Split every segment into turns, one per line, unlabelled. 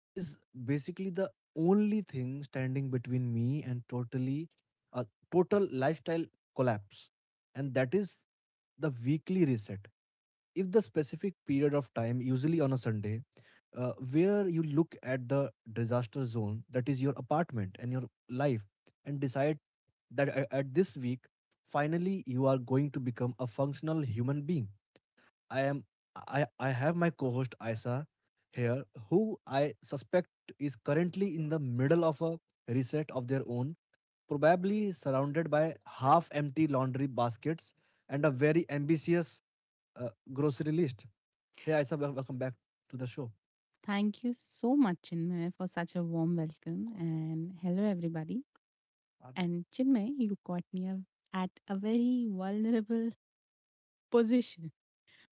that is basically the only thing standing between me and totally a total lifestyle collapse, and that is the weekly reset. If the specific period of time, usually on a Sunday, where you look at the disaster zone that is your apartment and your life and decide that at this week, finally, you are going to become a functional human being. I am I have my co-host Aisa here, who I suspect is currently in the middle of a reset of their own, probably surrounded by half-empty laundry baskets and a very ambitious grocery list. Hey Aisa, welcome back to the show.
Thank you so much, Chinmay, for such a warm welcome.
कौन है?
And hello, everybody.
आप-
And Chinmay, you caught me a- at a very vulnerable position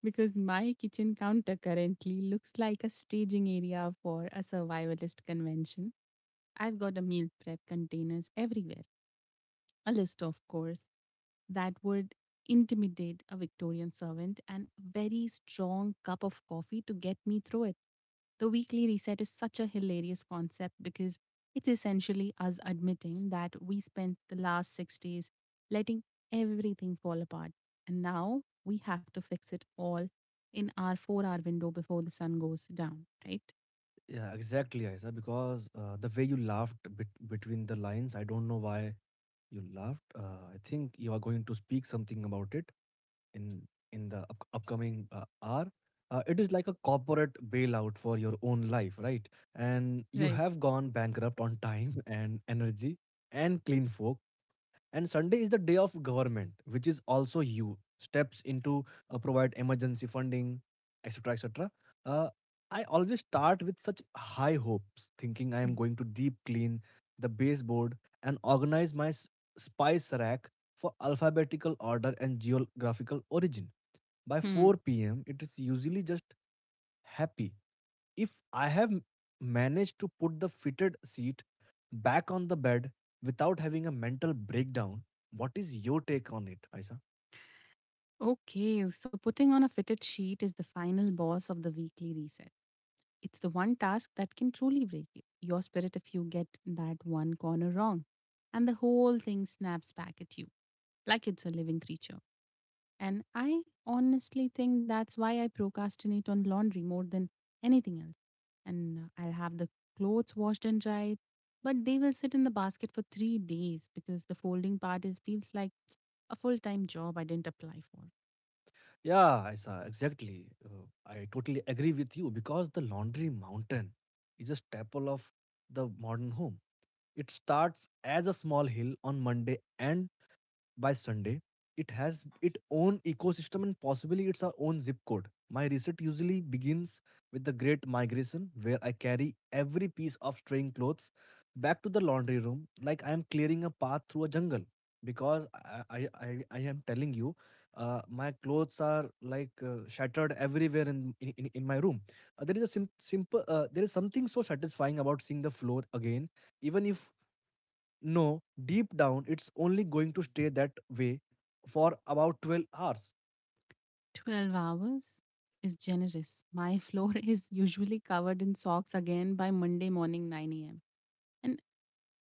because my kitchen counter currently looks like a staging area for a survivalist convention. I've got a meal prep containers everywhere, a list, of course, that would intimidate a Victorian servant and a very strong cup of coffee to get me through it. The weekly reset is such a hilarious concept because it's essentially us admitting that we spent the last 6 days letting everything fall apart. And now we have to fix it all in our 4 hour window before the sun goes down, right?
Yeah, exactly, Aisa. Because the way you laughed between the lines, I don't know why you laughed. I think you are going to speak something about it. in in the upcoming hour, it is like a corporate bailout for your own life, right? And you
Right.
have gone bankrupt on time and energy and clean folk. And sunday is the day of government, which is also you steps into, provide emergency funding, et etc etc. uh, I always start with such high hopes, thinking I am going to deep clean the baseboard and organize my spice rack for alphabetical order and geographical origin. By
Mhm.
4 p.m. it is usually just happy if I have managed to put the fitted seat back on the bed without having a mental breakdown. What is your take on it, isa?
Okay, so putting on a fitted sheet is the final boss of the weekly reset. It's the one task that can truly break it. Your spirit if you get that one corner wrong. And the whole thing snaps back at you like it's a living creature. And I honestly think that's why I procrastinate on laundry more than anything else. And I'll have the clothes washed and dried, but they will sit in the basket for 3 days because the folding part feels like a full time job I didn't apply for.
Yeah, isa, exactly. Uh, I totally agree with you because the laundry mountain is a staple of the modern home. It starts as a small hill on monday, and by Sunday, it has its own ecosystem and possibly its own zip code. My research usually begins with the Great Migration, where I carry every piece of straying clothes back to the laundry room like I am clearing a path through a jungle. Because I am telling you, my clothes are like shattered everywhere in my room. There is a simple, there is something so satisfying about seeing the floor again, even if no, deep down, it's only going to stay that way for about 12 hours.
12 hours is generous. My floor is usually covered in socks again by Monday morning 9 a.m. And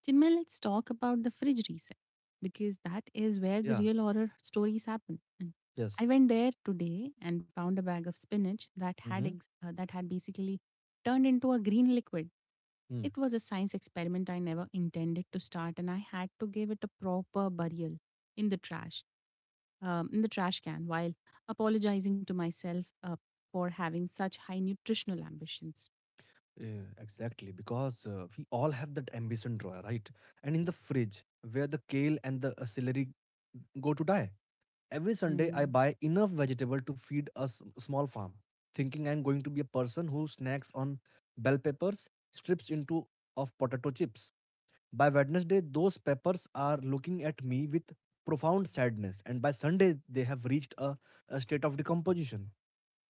Chinmay, let's talk about the fridge reset because that is where the
Yeah.
real horror stories happen. And
Yes.
I went there today and found a bag of spinach
Mm-hmm.
that had basically turned into a green liquid.
Mm.
It was a science experiment I never intended to start, and I had to give it a proper burial in the trash can while apologizing to myself for having such high nutritional ambitions.
Yeah, exactly. Because we all have that ambition drawer, right? And in the fridge, where the kale and the celery go to die. Every Sunday, I
Mm.
buy enough vegetable to feed a small farm, thinking I'm going to be a person who snacks on bell peppers, strips into of potato chips. By Wednesday, those peppers are looking at me with profound sadness, and by Sunday, they have reached a state of decomposition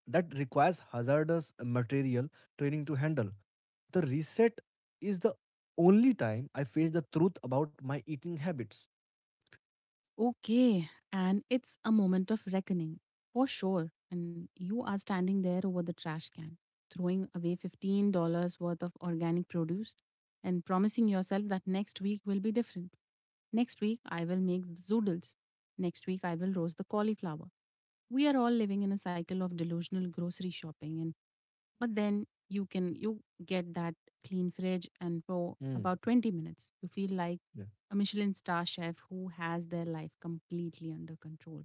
that requires hazardous material training to handle. The reset is the only time I face the truth about my eating habits.
Okay, and it's a moment of reckoning for sure. And you are standing there over the trash can, throwing away $15 worth of organic produce and promising yourself that next week will be different. Next week, I will make the zoodles. Next week, I will roast the cauliflower. We are all living in a cycle of delusional grocery shopping. And But then you can you get that clean fridge, and for
Hmm.
about 20 minutes you feel like
Yeah.
a Michelin star chef who has their life completely under control,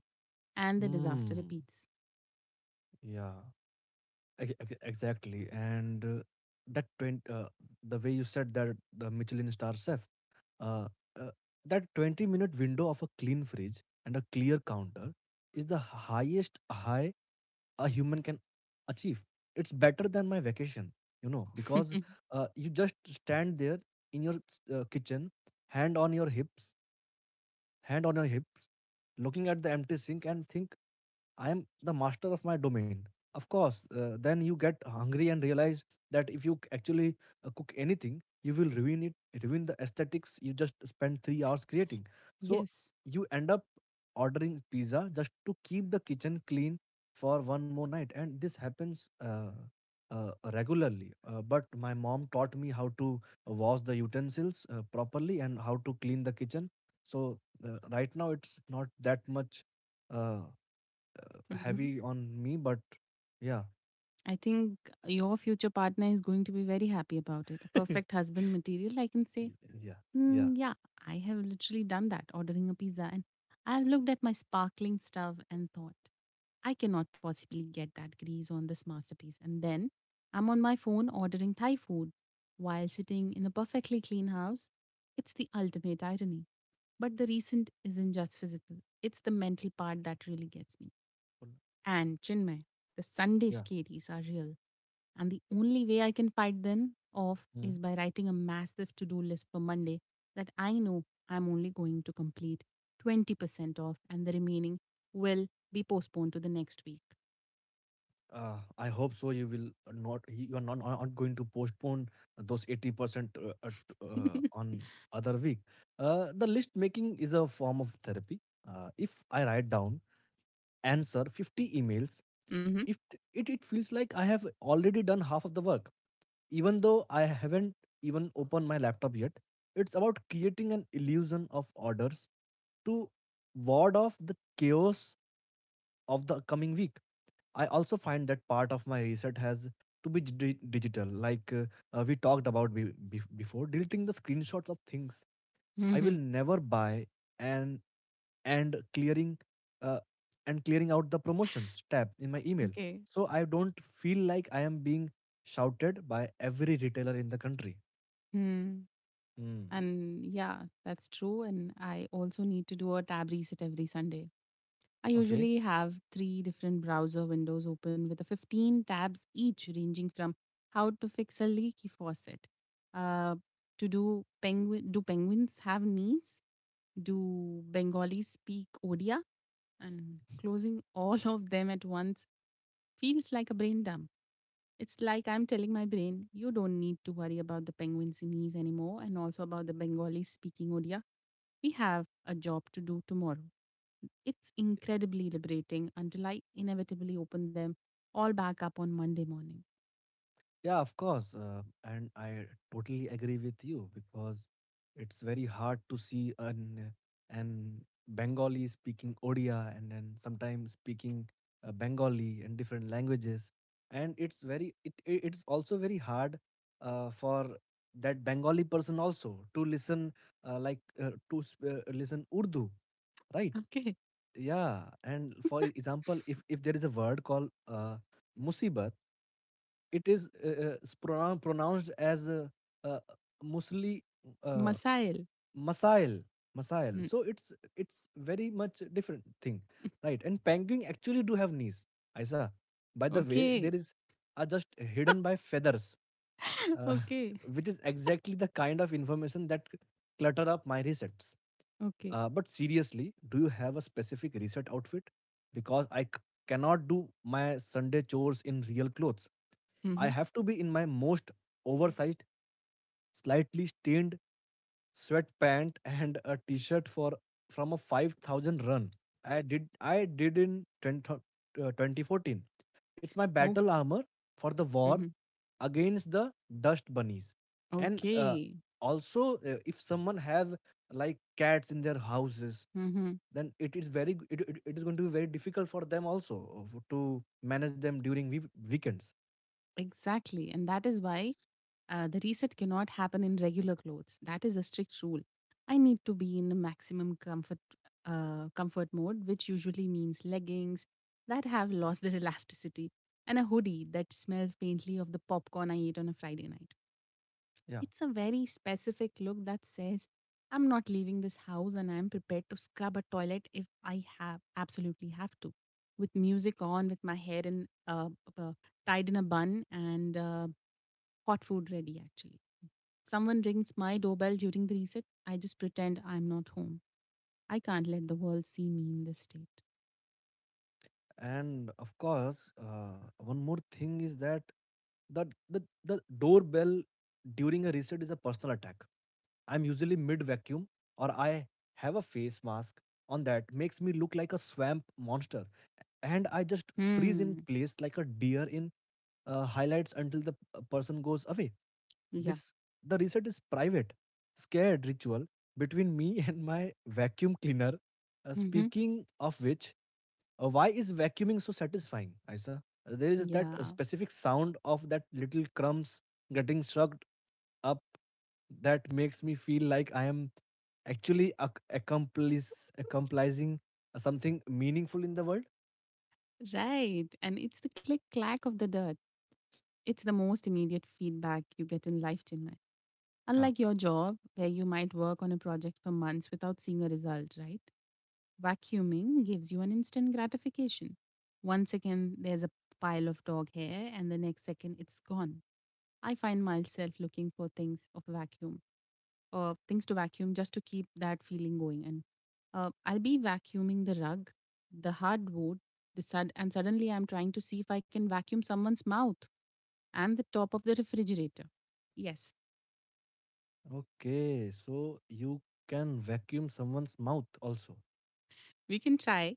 and the disaster
Hmm.
repeats.
Yeah. Exactly. And that 20, the way you said that the Michelin star chef, Uh, uh, that 20-minute window of a clean fridge and a clear counter is the highest high a human can achieve. It's better than my vacation, because you just stand there in your kitchen, hand on your hips, hand on your hips, looking at the empty sink and think I am the master of my domain. Of course, then you get hungry and realize that if you actually cook anything, you will ruin it, ruin the aesthetics you just spent 3 hours creating. So
Yes.
you end up ordering pizza just to keep the kitchen clean for one more night. And this happens regularly. But my mom taught me how to wash the utensils properly and how to clean the kitchen. So right now it's not that much Uh,
Mhm.
heavy on me, but yeah,
I think your future partner is going to be very happy about it. A
y-
perfect husband material, I can say.
yeah, yeah,
Mm, yeah, I have literally done that, ordering a pizza, and I've looked at my sparkling stuff and thought, I cannot possibly get that grease on this masterpiece. And then I'm on my phone ordering Thai food while sitting in a perfectly clean house. It's the ultimate irony. But the recent isn't just physical, it's the mental part that really gets me. And Chinmay, the Sunday
yeah.
scaries are real. And the only way I can fight them off
Mhm.
is by writing a massive to do list for Monday that I know I'm only going to complete 20% off, and the remaining will be postponed to the next week.
I hope so. You will not. You are not, not going to postpone those 80% on other week. The list making is a form of therapy. If I write down answer 50 emails,
Mhm.
if t- it feels like I have already done half of the work, even though I haven't even opened my laptop yet. It's about creating an illusion of orders to ward off the chaos of the coming week. I also find that part of my reset has to be digital, like we talked about before, deleting the screenshots of things I will
Mhm.
never buy and clearing uh, and clearing out the promotions tab in my email,
Okay.
so I don't feel like I am being shouted by every retailer in the country.
Hmm.
Mm,
And yeah, that's true. And I also need to do a tab reset every Sunday. I
okay.
usually have three different browser windows open with a 15 tabs each, ranging from how to fix a leaky faucet, uh, to do penguins have knees? Do Bengalis speak Odia? And closing all of them at once feels like a brain dump. It's like I'm telling my brain, you don't need to worry about the penguin sneeze anymore and also about the Bengali speaking Odia. We have a job to do tomorrow. It's incredibly liberating until I inevitably open them all back up on Monday morning.
Yeah, of course. And I totally agree with you because it's very hard to see an Bengali speaking Odia and then sometimes speaking Bengali and different languages. And it's also very hard for that Bengali person also to listen, listen Urdu, right?
Okay.
Yeah, and for example, if there is a word called musibat, it is pronounced as uh, musli, uh,
Masail.
masail. Masail,
Mm.
so it's very much different thing, right? And penguin actually do have knees, isa, by the way.
Okay.
There is are just hidden by feathers, uh,
Okay.
which is exactly the kind of information that clutter up my resets.
Okay.
But seriously, do you have a specific reset outfit? Because I cannot do my Sunday chores in real clothes. I
Mm-hmm.
have to be in my most oversized, slightly stained sweatpant and a t-shirt for from a 5,000 run I did. In 10, 2014. It's my battle
Okay.
armor for the war
Mm-hmm.
against the dust bunnies. And
Okay.
also, if someone have like cats in their houses,
Mm-hmm.
then it is very it is going to be very difficult for them also to manage them during weekends.
Exactly. And that is why the reset cannot happen in regular clothes. That is a strict rule. I need to be in a maximum comfort comfort mode, which usually means leggings that have lost their elasticity and a hoodie that smells faintly of the popcorn I ate on a Friday night.
Yeah,
It's a very specific look that says, I'm not leaving this house and I'm prepared to scrub a toilet if I have absolutely have to. With music on, with my hair uh, tied in a bun, and hot food ready actually. Someone rings my doorbell during the reset. I just pretend I'm not home. I can't let the world see me in this state.
and of course, one more thing is that the, the doorbell during a reset is a personal attack. I'm usually mid vacuum, or I have a face mask on that makes me look like a swamp monster, and I just freeze in
Hmm.
place like a deer in highlights until the person goes away.
Yeah.
This the reset is private, scared ritual between me and my vacuum cleaner.
Mm-hmm.
Speaking of which, why is vacuuming so satisfying, Isa? There is that
Yeah.
specific sound of that little crumbs getting sucked up that makes me feel like I am actually accomplishing something meaningful in the world.
Right. And it's the click clack of the dirt. It's the most immediate feedback you get in life, Chinmay.
Uh,
Unlike your job, where you might work on a project for months without seeing a result, right? Vacuuming gives you an instant gratification. 1 second, there's a pile of dog hair, and the next second, it's gone. I find myself looking for things to vacuum just to keep that feeling going. And I'll be vacuuming the rug, the hardwood, and suddenly I'm trying to see if I can vacuum someone's mouth and the top of the refrigerator. Yes,
Okay, so you can vacuum someone's mouth also.
we can try.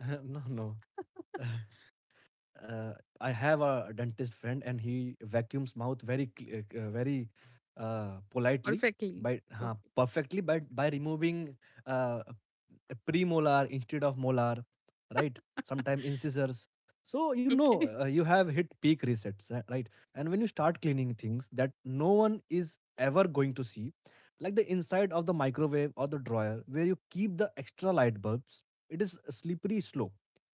No, no. uh, I have a dentist friend, and he vacuums mouth very, very politely,
Perfectly.
by
Okay.
perfectly, but by removing uh, a premolar instead of molar, right? Sometimes incisors. So you know,
Okay.
you have hit peak resets, right? And when you start cleaning things that no one is ever going to see, like the inside of the microwave or the drawer where you keep the extra light bulbs, it is a slippery slope.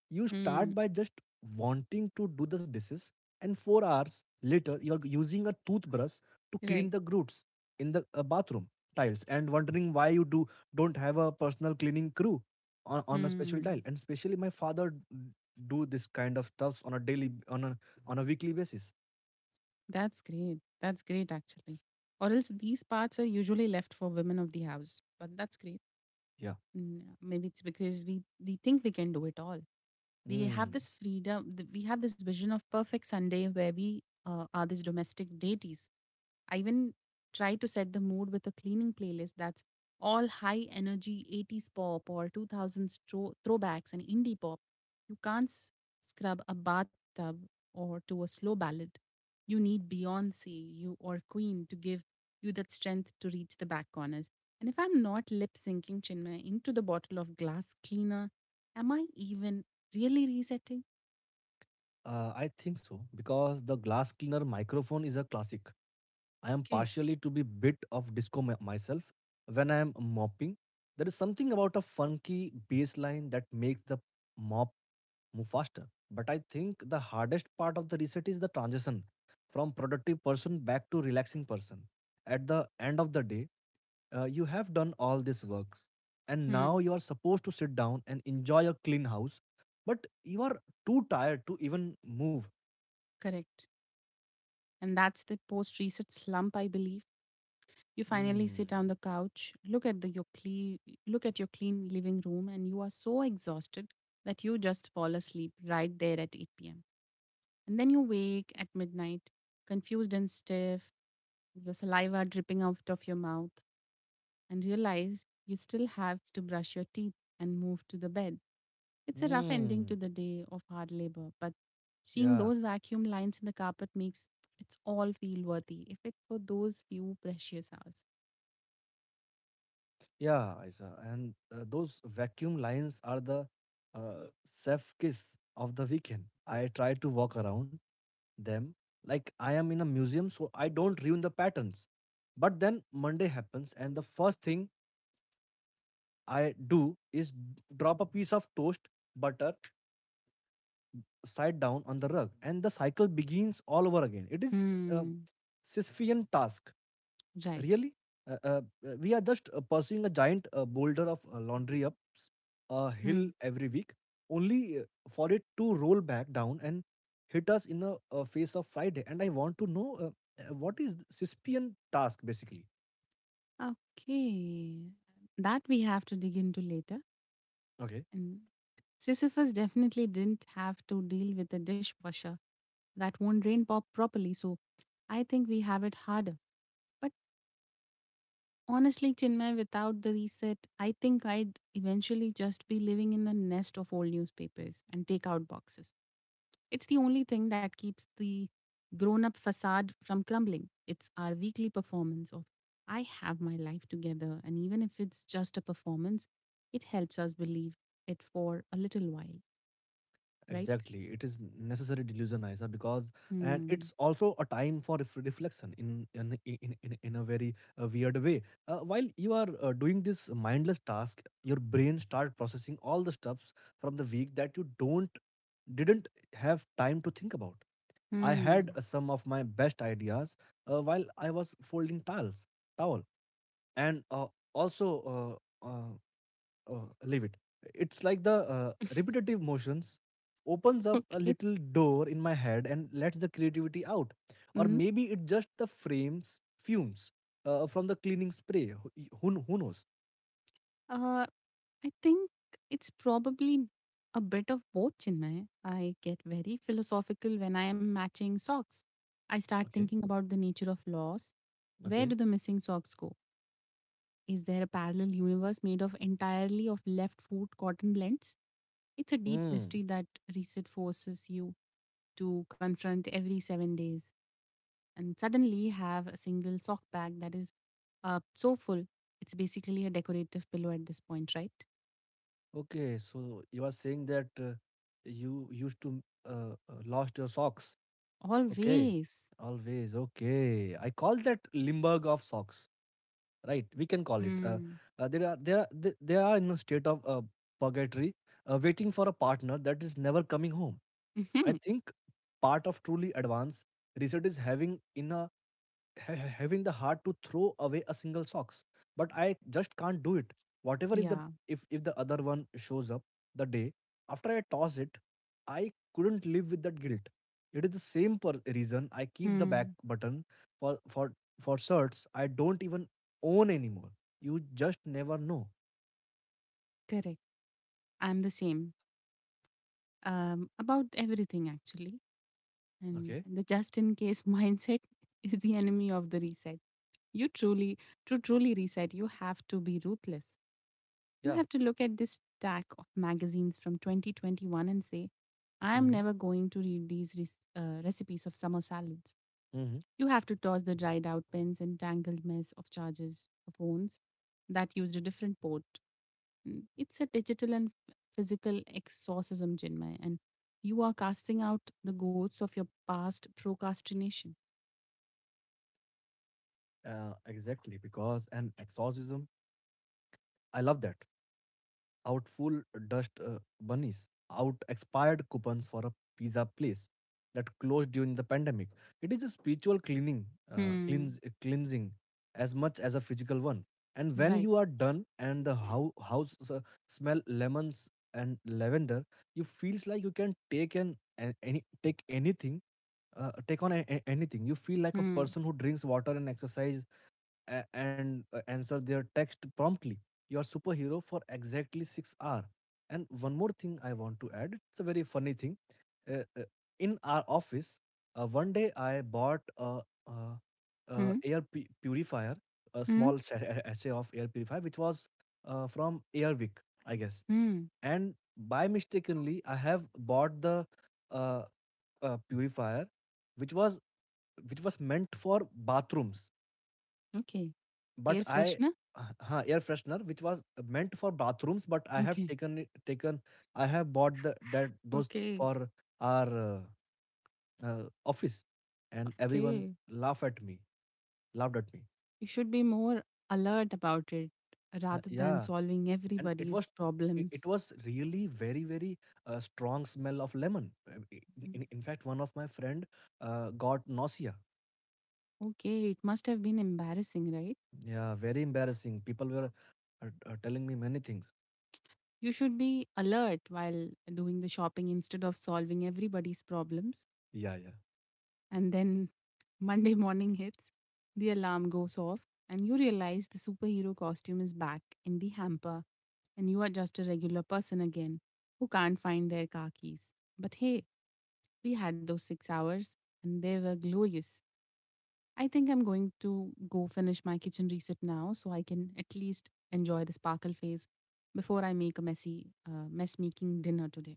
You
Hmm.
start by just wanting to do the dishes, and 4 hours later you are using a toothbrush to clean
Right.
the groots in the bathroom tiles and wondering why you do don't have a personal cleaning crew on a special dial.
Hmm.
And especially my father do this kind of stuffs on a daily, on a weekly basis.
That's great. That's great, actually. Or else these parts are usually left for women of the house. But that's great.
Yeah.
No, maybe it's because we think we can do it all.
Mm.
We have this vision of perfect Sunday where we are these domestic deities. I even try to set the mood with a cleaning playlist that's all high energy 80s pop or 2000s throwbacks and indie pop. You can't scrub a bathtub or to a slow ballad. You need Beyonce, you or Queen to give you that strength to reach the back corners. And if I'm not lip syncing, Chinmay, into the bottle of glass cleaner, am I even really resetting?
I think so because the glass cleaner microphone is a classic. I am
Okay.
partially to be bit of disco myself when I am mopping. There is something about a funky bass line that makes the mop move faster. But I think the hardest part of the reset is the transition from productive person back to relaxing person. At the end of the day, you have done all these works and now
Hmm.
you are supposed to sit down and enjoy a clean house, but you are too tired to even move.
Correct. And that's the post research slump, I believe. You finally
Mm.
sit on the couch, look at your clean living room, and you are so exhausted that you just fall asleep right there at 8 p.m. And then you wake at midnight, confused and stiff, your saliva dripping out of your mouth, and realize you still have to brush your teeth and move to the bed. It's a rough ending
Mm.
to the day of hard labor, but seeing
Yeah.
those vacuum lines in the carpet makes it's all feel worthy if it for those few precious hours.
Yeah, Isa. And those vacuum lines are the chef kiss of the weekend. I try to walk around them like I am in a museum, so I don't ruin the patterns. But then Monday happens, and the first thing I do is drop a piece of toast butter side down on the rug, and the cycle begins all over again. It is a
Hmm.
Sisyphean task.
Right.
Really? Uh, uh, we are just pursuing a giant boulder of laundry up a hill
Hmm.
every week, only for it to roll back down and hit us in a face of Friday. And I want to know what is the Cispian task basically?
Okay. That we have to dig into later.
Okay.
And Sisyphus definitely didn't have to deal with a dishwasher that won't drain pop properly, so I think we have it harder. But honestly, Chinmay, without the reset, I think I'd eventually just be living in a nest of old newspapers and takeout boxes. It's the only thing that keeps the grown up facade from crumbling. It's our weekly performance of, I have my life together. And even if it's just a performance, it helps us believe it for a little while, right?
Exactly. It is necessary delusion, Isa, because and
Hmm.
it's also a time for reflection in a very weird way. While you are doing this mindless task, your brain start processing all the stuffs from the week that you don't didn't have time to think about. I
Hmm.
had some of my best ideas while I was folding towel, and also. Oh, leave it. It's like the repetitive motions opens up a
Okay.
little door in my head and lets the creativity out. Or
Hmm.
maybe it just the frames fumes from the cleaning spray. Who knows?
Uh, I think it's probably a bit of both, Chinmay. I get very philosophical when I am matching socks. I start
Okay,
thinking about the nature of loss. Where
okay.
do the missing socks go? Is there a parallel universe made of entirely of left foot cotton blends? It's a deep
Mm.
mystery that reset forces you to confront every 7 days, and suddenly have a single sock bag that is so full. It's basically a decorative pillow at this point, right?
Okay, so you are saying that you used to lost your socks. Okay,
Always.
always. Okay, I call that Limburg of socks. Right, we can call it
Mm.
there are they are in a state of purgatory waiting for a partner that is never coming home. I
Hmm.
think part of truly advanced research is having in a ha- having the heart to throw away a single socks, but I just can't do it. Whatever, if the,
Yeah.
if the other one shows up the day after I toss it, I couldn't live with that guilt. It is the same reason I keep the back
Mm.
button for for for shirts I don't even own anymore. You just never know.
Correct. I'm the same about everything, actually. And
Okay.
and the just in case mindset is the enemy of the reset. You truly, to truly reset, you have to be ruthless. You
Yeah.
have to look at this stack of magazines from 2021 and say, I am
Mm-hmm.
never going to read these recipes of summer salads.
Mm-hmm.
You have to toss the dried out pens and tangled mess of chargers, of phones that used a different port. Mm, it's a digital and physical exorcism, Chinmay, and you are casting out the ghosts of your past procrastination.
Exactly. Because an exorcism, I love that. Out full dust bunnies, out expired coupons for a pizza place that closed during the pandemic. It is a spiritual
Hmm.
cleansing as much as a physical one. And when you
Right.
are done and the house smell lemons and lavender, you feels like you can take anything take on a- anything. You feel like a
Hmm.
person who drinks water and exercise and answer their text promptly. You are superhero for exactly 6 hours. And one more thing I want to add. It's a very funny thing. Uh, uh, in our office, one day I bought uh
Hmm.
air purifier, a
Hmm.
small sachet of air purifier, which was from Airwick, I guess.
Hmm.
And by mistakenly, I have bought the uh, purifier, which was which was meant for bathrooms,
Okay.
but
Air
I
freshener?
air freshener which was meant for bathrooms, but I have
Okay.
taken I have bought the that those
Okay.
for our office, and everyone
Okay.
laugh at me, laughed at me.
You should be more alert about it rather than
Yeah,
solving
and
everybody's problems.
it was really very strong smell of lemon.
Mm.
In fact, one of my friend got nausea.
Okay. It must have been embarrassing, right?
Yeah, very embarrassing. People were telling me many things.
You should be alert while doing the shopping instead of solving everybody's problems.
Yeah, yeah.
And then Monday morning hits, the alarm goes off, and you realize the superhero costume is back in the hamper, and you are just a regular person again who can't find their car keys. But hey, we had those 6 hours, and they were glorious. I think I'm going to go finish my kitchen reset now so I can at least enjoy the sparkle phase before I make a messy, mess making dinner today.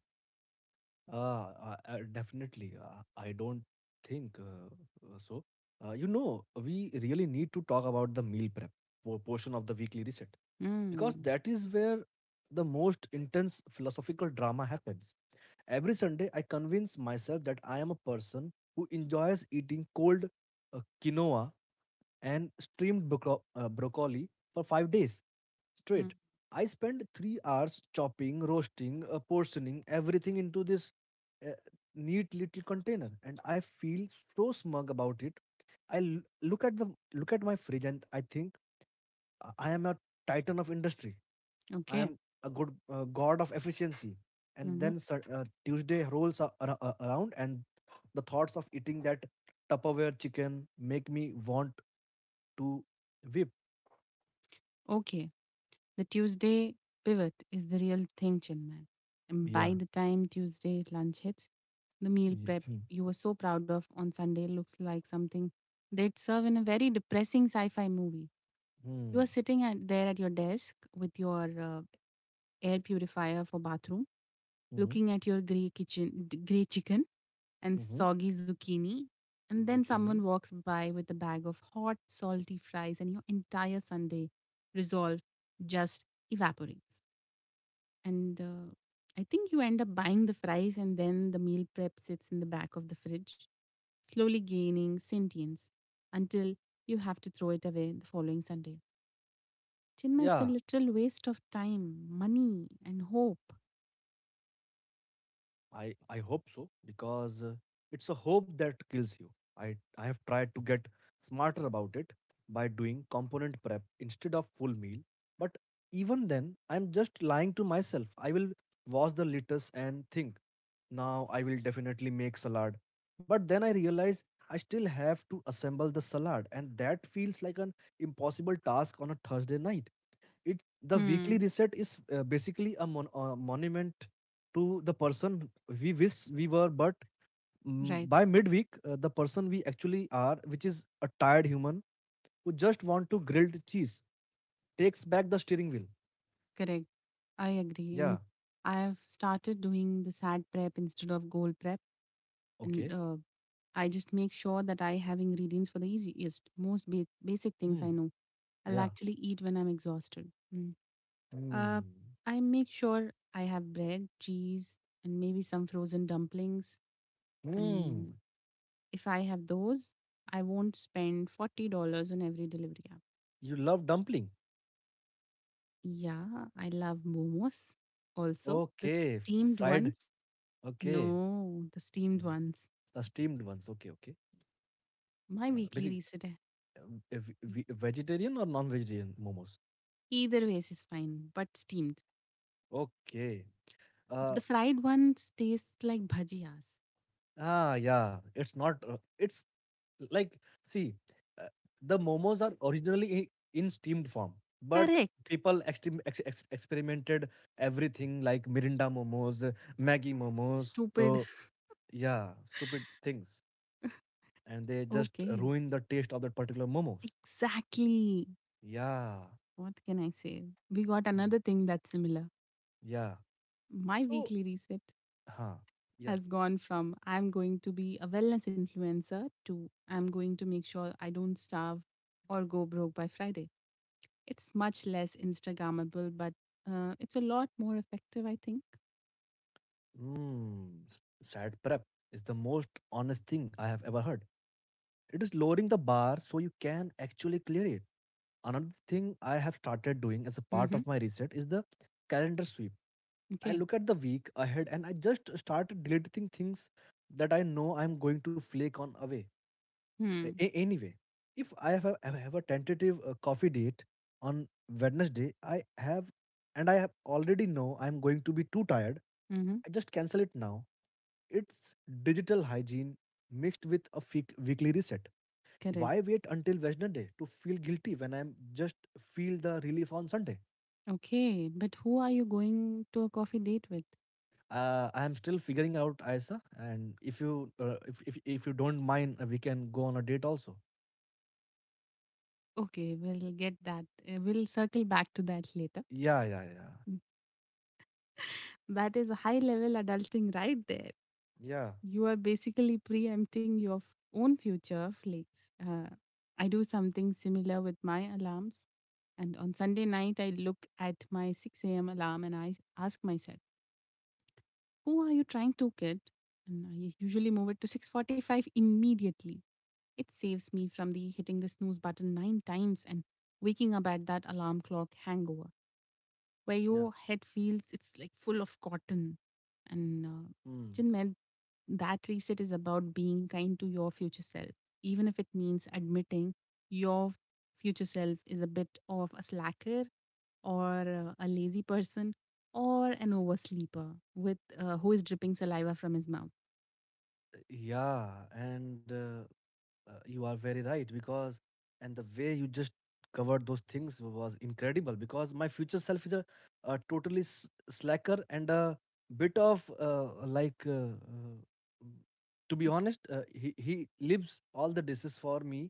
Uh, Definitely. I don't think so. You know, we really need to talk about the meal prep portion of the weekly reset, because
Mm.
that is where the most intense philosophical drama happens. Every Sunday, I convince myself that I am a person who enjoys eating cold quinoa and steamed broccoli for 5 days
Mm.
straight. I spent 3 hours chopping, roasting, portioning everything into this uh, neat little container, and I feel so smug about it. I look at my fridge, and I think I am a titan of industry. I
Okay.
am a good god of efficiency. And
Hmm.
then Tuesday rolls around, and the thoughts of eating that Tupperware chicken make me want to whip.
Okay. The Tuesday pivot is the real thing, Chinman. And
Yeah.
by the time Tuesday lunch hits, the meal
Ye-
prep
Hmm.
you were so proud of on Sunday looks like something they'd serve in a very depressing sci fi movie. You are
Hmm.
sitting at, there at your desk with your air purifier for bathroom,
Mhm.
looking at your grey chicken and
Mhm.
soggy zucchini, and then
Zucchini.
someone walks by with a bag of hot, salty fries, and your entire Sunday resolve just evaporates. And I think you end up buying the fries, and then the meal prep sits in the back of the fridge, slowly gaining sentience until you have to throw it away the following Sunday. Chinma, it's a
Ya,
literal waste of time, money, and hope.
I hope so, because it's a hope that kills you. I have tried to get smarter about it by doing component prep instead of full meal, but even then I'm just lying to myself. I will wash the lettuce and think now I will definitely make salad. But then I realize I still have to assemble the salad, and that feels like an impossible task on a Thursday night. It, the weekly
Hmm.
reset is basically a monument to the person we wish we were, but mm,
Right.
by midweek the person we actually are, which is a tired human who just want to grilled cheese, takes back the steering wheel.
Correct. I agree.
Yeah,
And I've started doing the sad prep instead of goal prep. And
okay.
I just make sure that I have ingredients for the easiest, basic things
Hmm.
I know. I'll
Yeah.
actually eat when I'm exhausted. Uh,
Hmm.
I make sure I have bread, cheese, and maybe some frozen dumplings.
Hmm.
And if I have those, I won't spend $40 on every delivery app.
You love dumpling.
Yeah, I love momos. Also, the
okay f-
steamed
Fried?
ones.
Okay.
No, the steamed
Mm,
ones.
the steamed ones, okay, okay.
My
uh,
weekly
basic
reset, eh, e-,
Vegetarian or non-vegetarian momos?
Either ways is fine, but steamed.
Okay.
The
Uh,
fried ones taste like bhajiyas.
ah, yeah, it's not it's like, see, uh, the momos are originally in steamed form, but
Correct.
people experimented everything like mirinda momos, maggie momos,
Stupid.
so yeah, stupid things, and they just
Okay.
ruin the taste of that particular momos.
Exactly.
Yeah.
What can I say? We got
Mm,
another thing that's similar.
yeah.
My
So,
weekly reset
huh, yeah.
has gone from I'm going to be a wellness influencer to I'm going to make sure I don't starve or go broke by Friday. It's much less Instagrammable, but it's a lot more effective, I think.
Mm, s- sad prep is the most honest thing I have ever heard. It is lowering the bar so you can actually clear it. Another thing I have started doing as a part
Mm-hmm.
of my reset is the calendar sweep. I
Okay.
look at the week ahead and I just start deleting things that I know I'm going to flake on
Hmm.
anyway. If I have a tentative coffee date on Wednesday, I have and I have already know I'm going to be too tired.
Mm-hmm.
I just cancel it now. It's digital hygiene mixed with a weekly reset.
Correct.
Why wait until Wednesday to feel guilty when I'm just feel the relief on Sunday?
Okay. But who are you going to a coffee date with?
I'm still figuring out, Isa, and if you if you don't mind, we can go on a date also.
Okay, we'll get that. We'll circle back to that later.
Yeah, yeah, yeah,
Mm. That is a high level adulting right there.
yeah,
You are basically preempting your own future flakes. I do something similar with my alarms. And on Sunday night, I look at my 6 a.m. alarm and I ask myself, who are you trying to kid? And I usually move it to 6:45 immediately. It saves me from the hitting the snooze button 9 times and waking up at that alarm clock hangover where
yeah.
your head feels it's like full of cotton. And
Hmm.
Chinmed, that reset is about being kind to your future self, even if it means admitting your future self is a bit of a slacker, or a lazy person, or an oversleeper with who is dripping saliva from his mouth.
Yeah, and you are very right, because, and the way you just covered those things was incredible, because my future self is a totally slacker and a bit of m- to be honest, he leaves all the dishes for me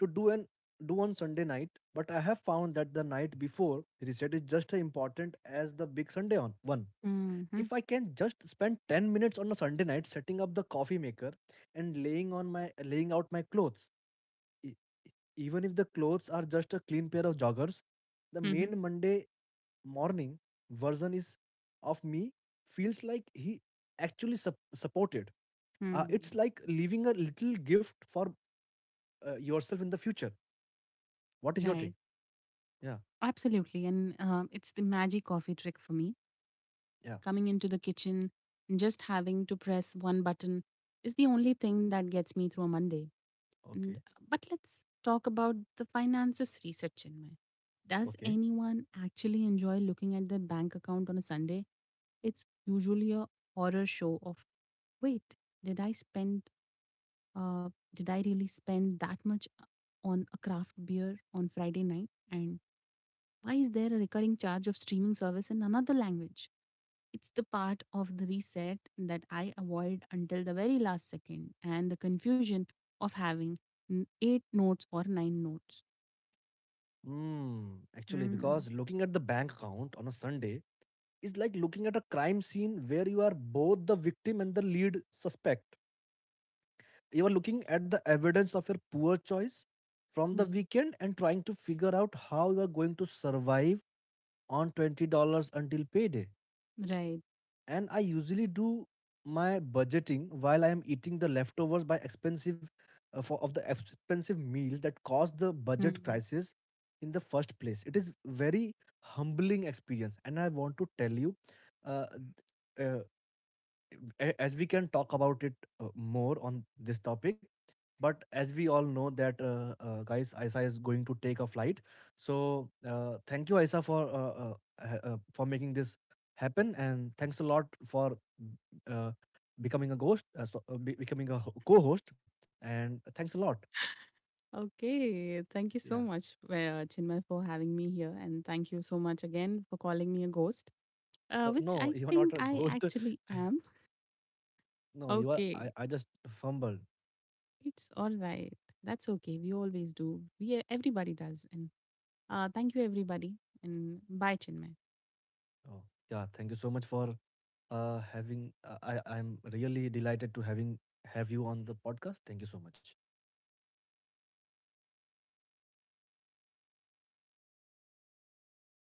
to do on Sunday night. But I have found that the night before reset is just as important as the big Sunday on one.
Mm-hmm.
If I can just spend 10 minutes on a Sunday night setting up the coffee maker and laying out my clothes, e- e- even if the clothes are just a clean pair of joggers, the
Mm-hmm.
main Monday morning version is of me feels like he actually supported. It's like leaving a little gift for yourself in the future. What is your take?
Right.
Yeah,
Absolutely. And it's the magic coffee trick for me,
yeah,
coming into the kitchen, and just having to press one button is the only thing that gets me through a Monday. And
okay,
But let's talk about the finances research. In my, does
okay.
anyone actually enjoy looking at their bank account on a Sunday? It's usually a horror show of wait, did I spend did I really spend that much on a craft beer on Friday night? And why is there a recurring charge of streaming service in another language? It's the part of the reset that I avoid until the very last second, and the confusion of having eight notes or nine notes.
Mm, actually,
Mm.
because looking at the bank account on a Sunday is like looking at a crime scene where you are both the victim and the lead suspect. You are looking at the evidence of your poor choice from the
Mm.
weekend and trying to figure out how you are going to survive on $20 until payday.
Right.
And I usually do my budgeting while I am eating the leftovers by expensive for of the expensive meals that caused the budget
Mm.
crisis in the first place. It is very humbling experience, and I want to tell you, uh, uh, as we can talk about it more on this topic, but as we all know that guys, Isa is going to take a flight, so thank you Isa for for making this happen, and thanks a lot for uh, becoming a ghost becoming a co-host, and thanks a lot.
Okay. Thank you
Yeah,
so much, Chinmay, for having me here. And thank you so much again for calling me a ghost, which
no,
I
you're not
think
a
I
ghost.
actually am.
No, you are,
Okay.
I just fumbled.
It's all right. That's okay. We always do. We Everybody does. And thank you, everybody. And bye, Chinmay.
Oh, yeah, thank you so much for having I I'm really delighted to having have you on the podcast. Thank you so much.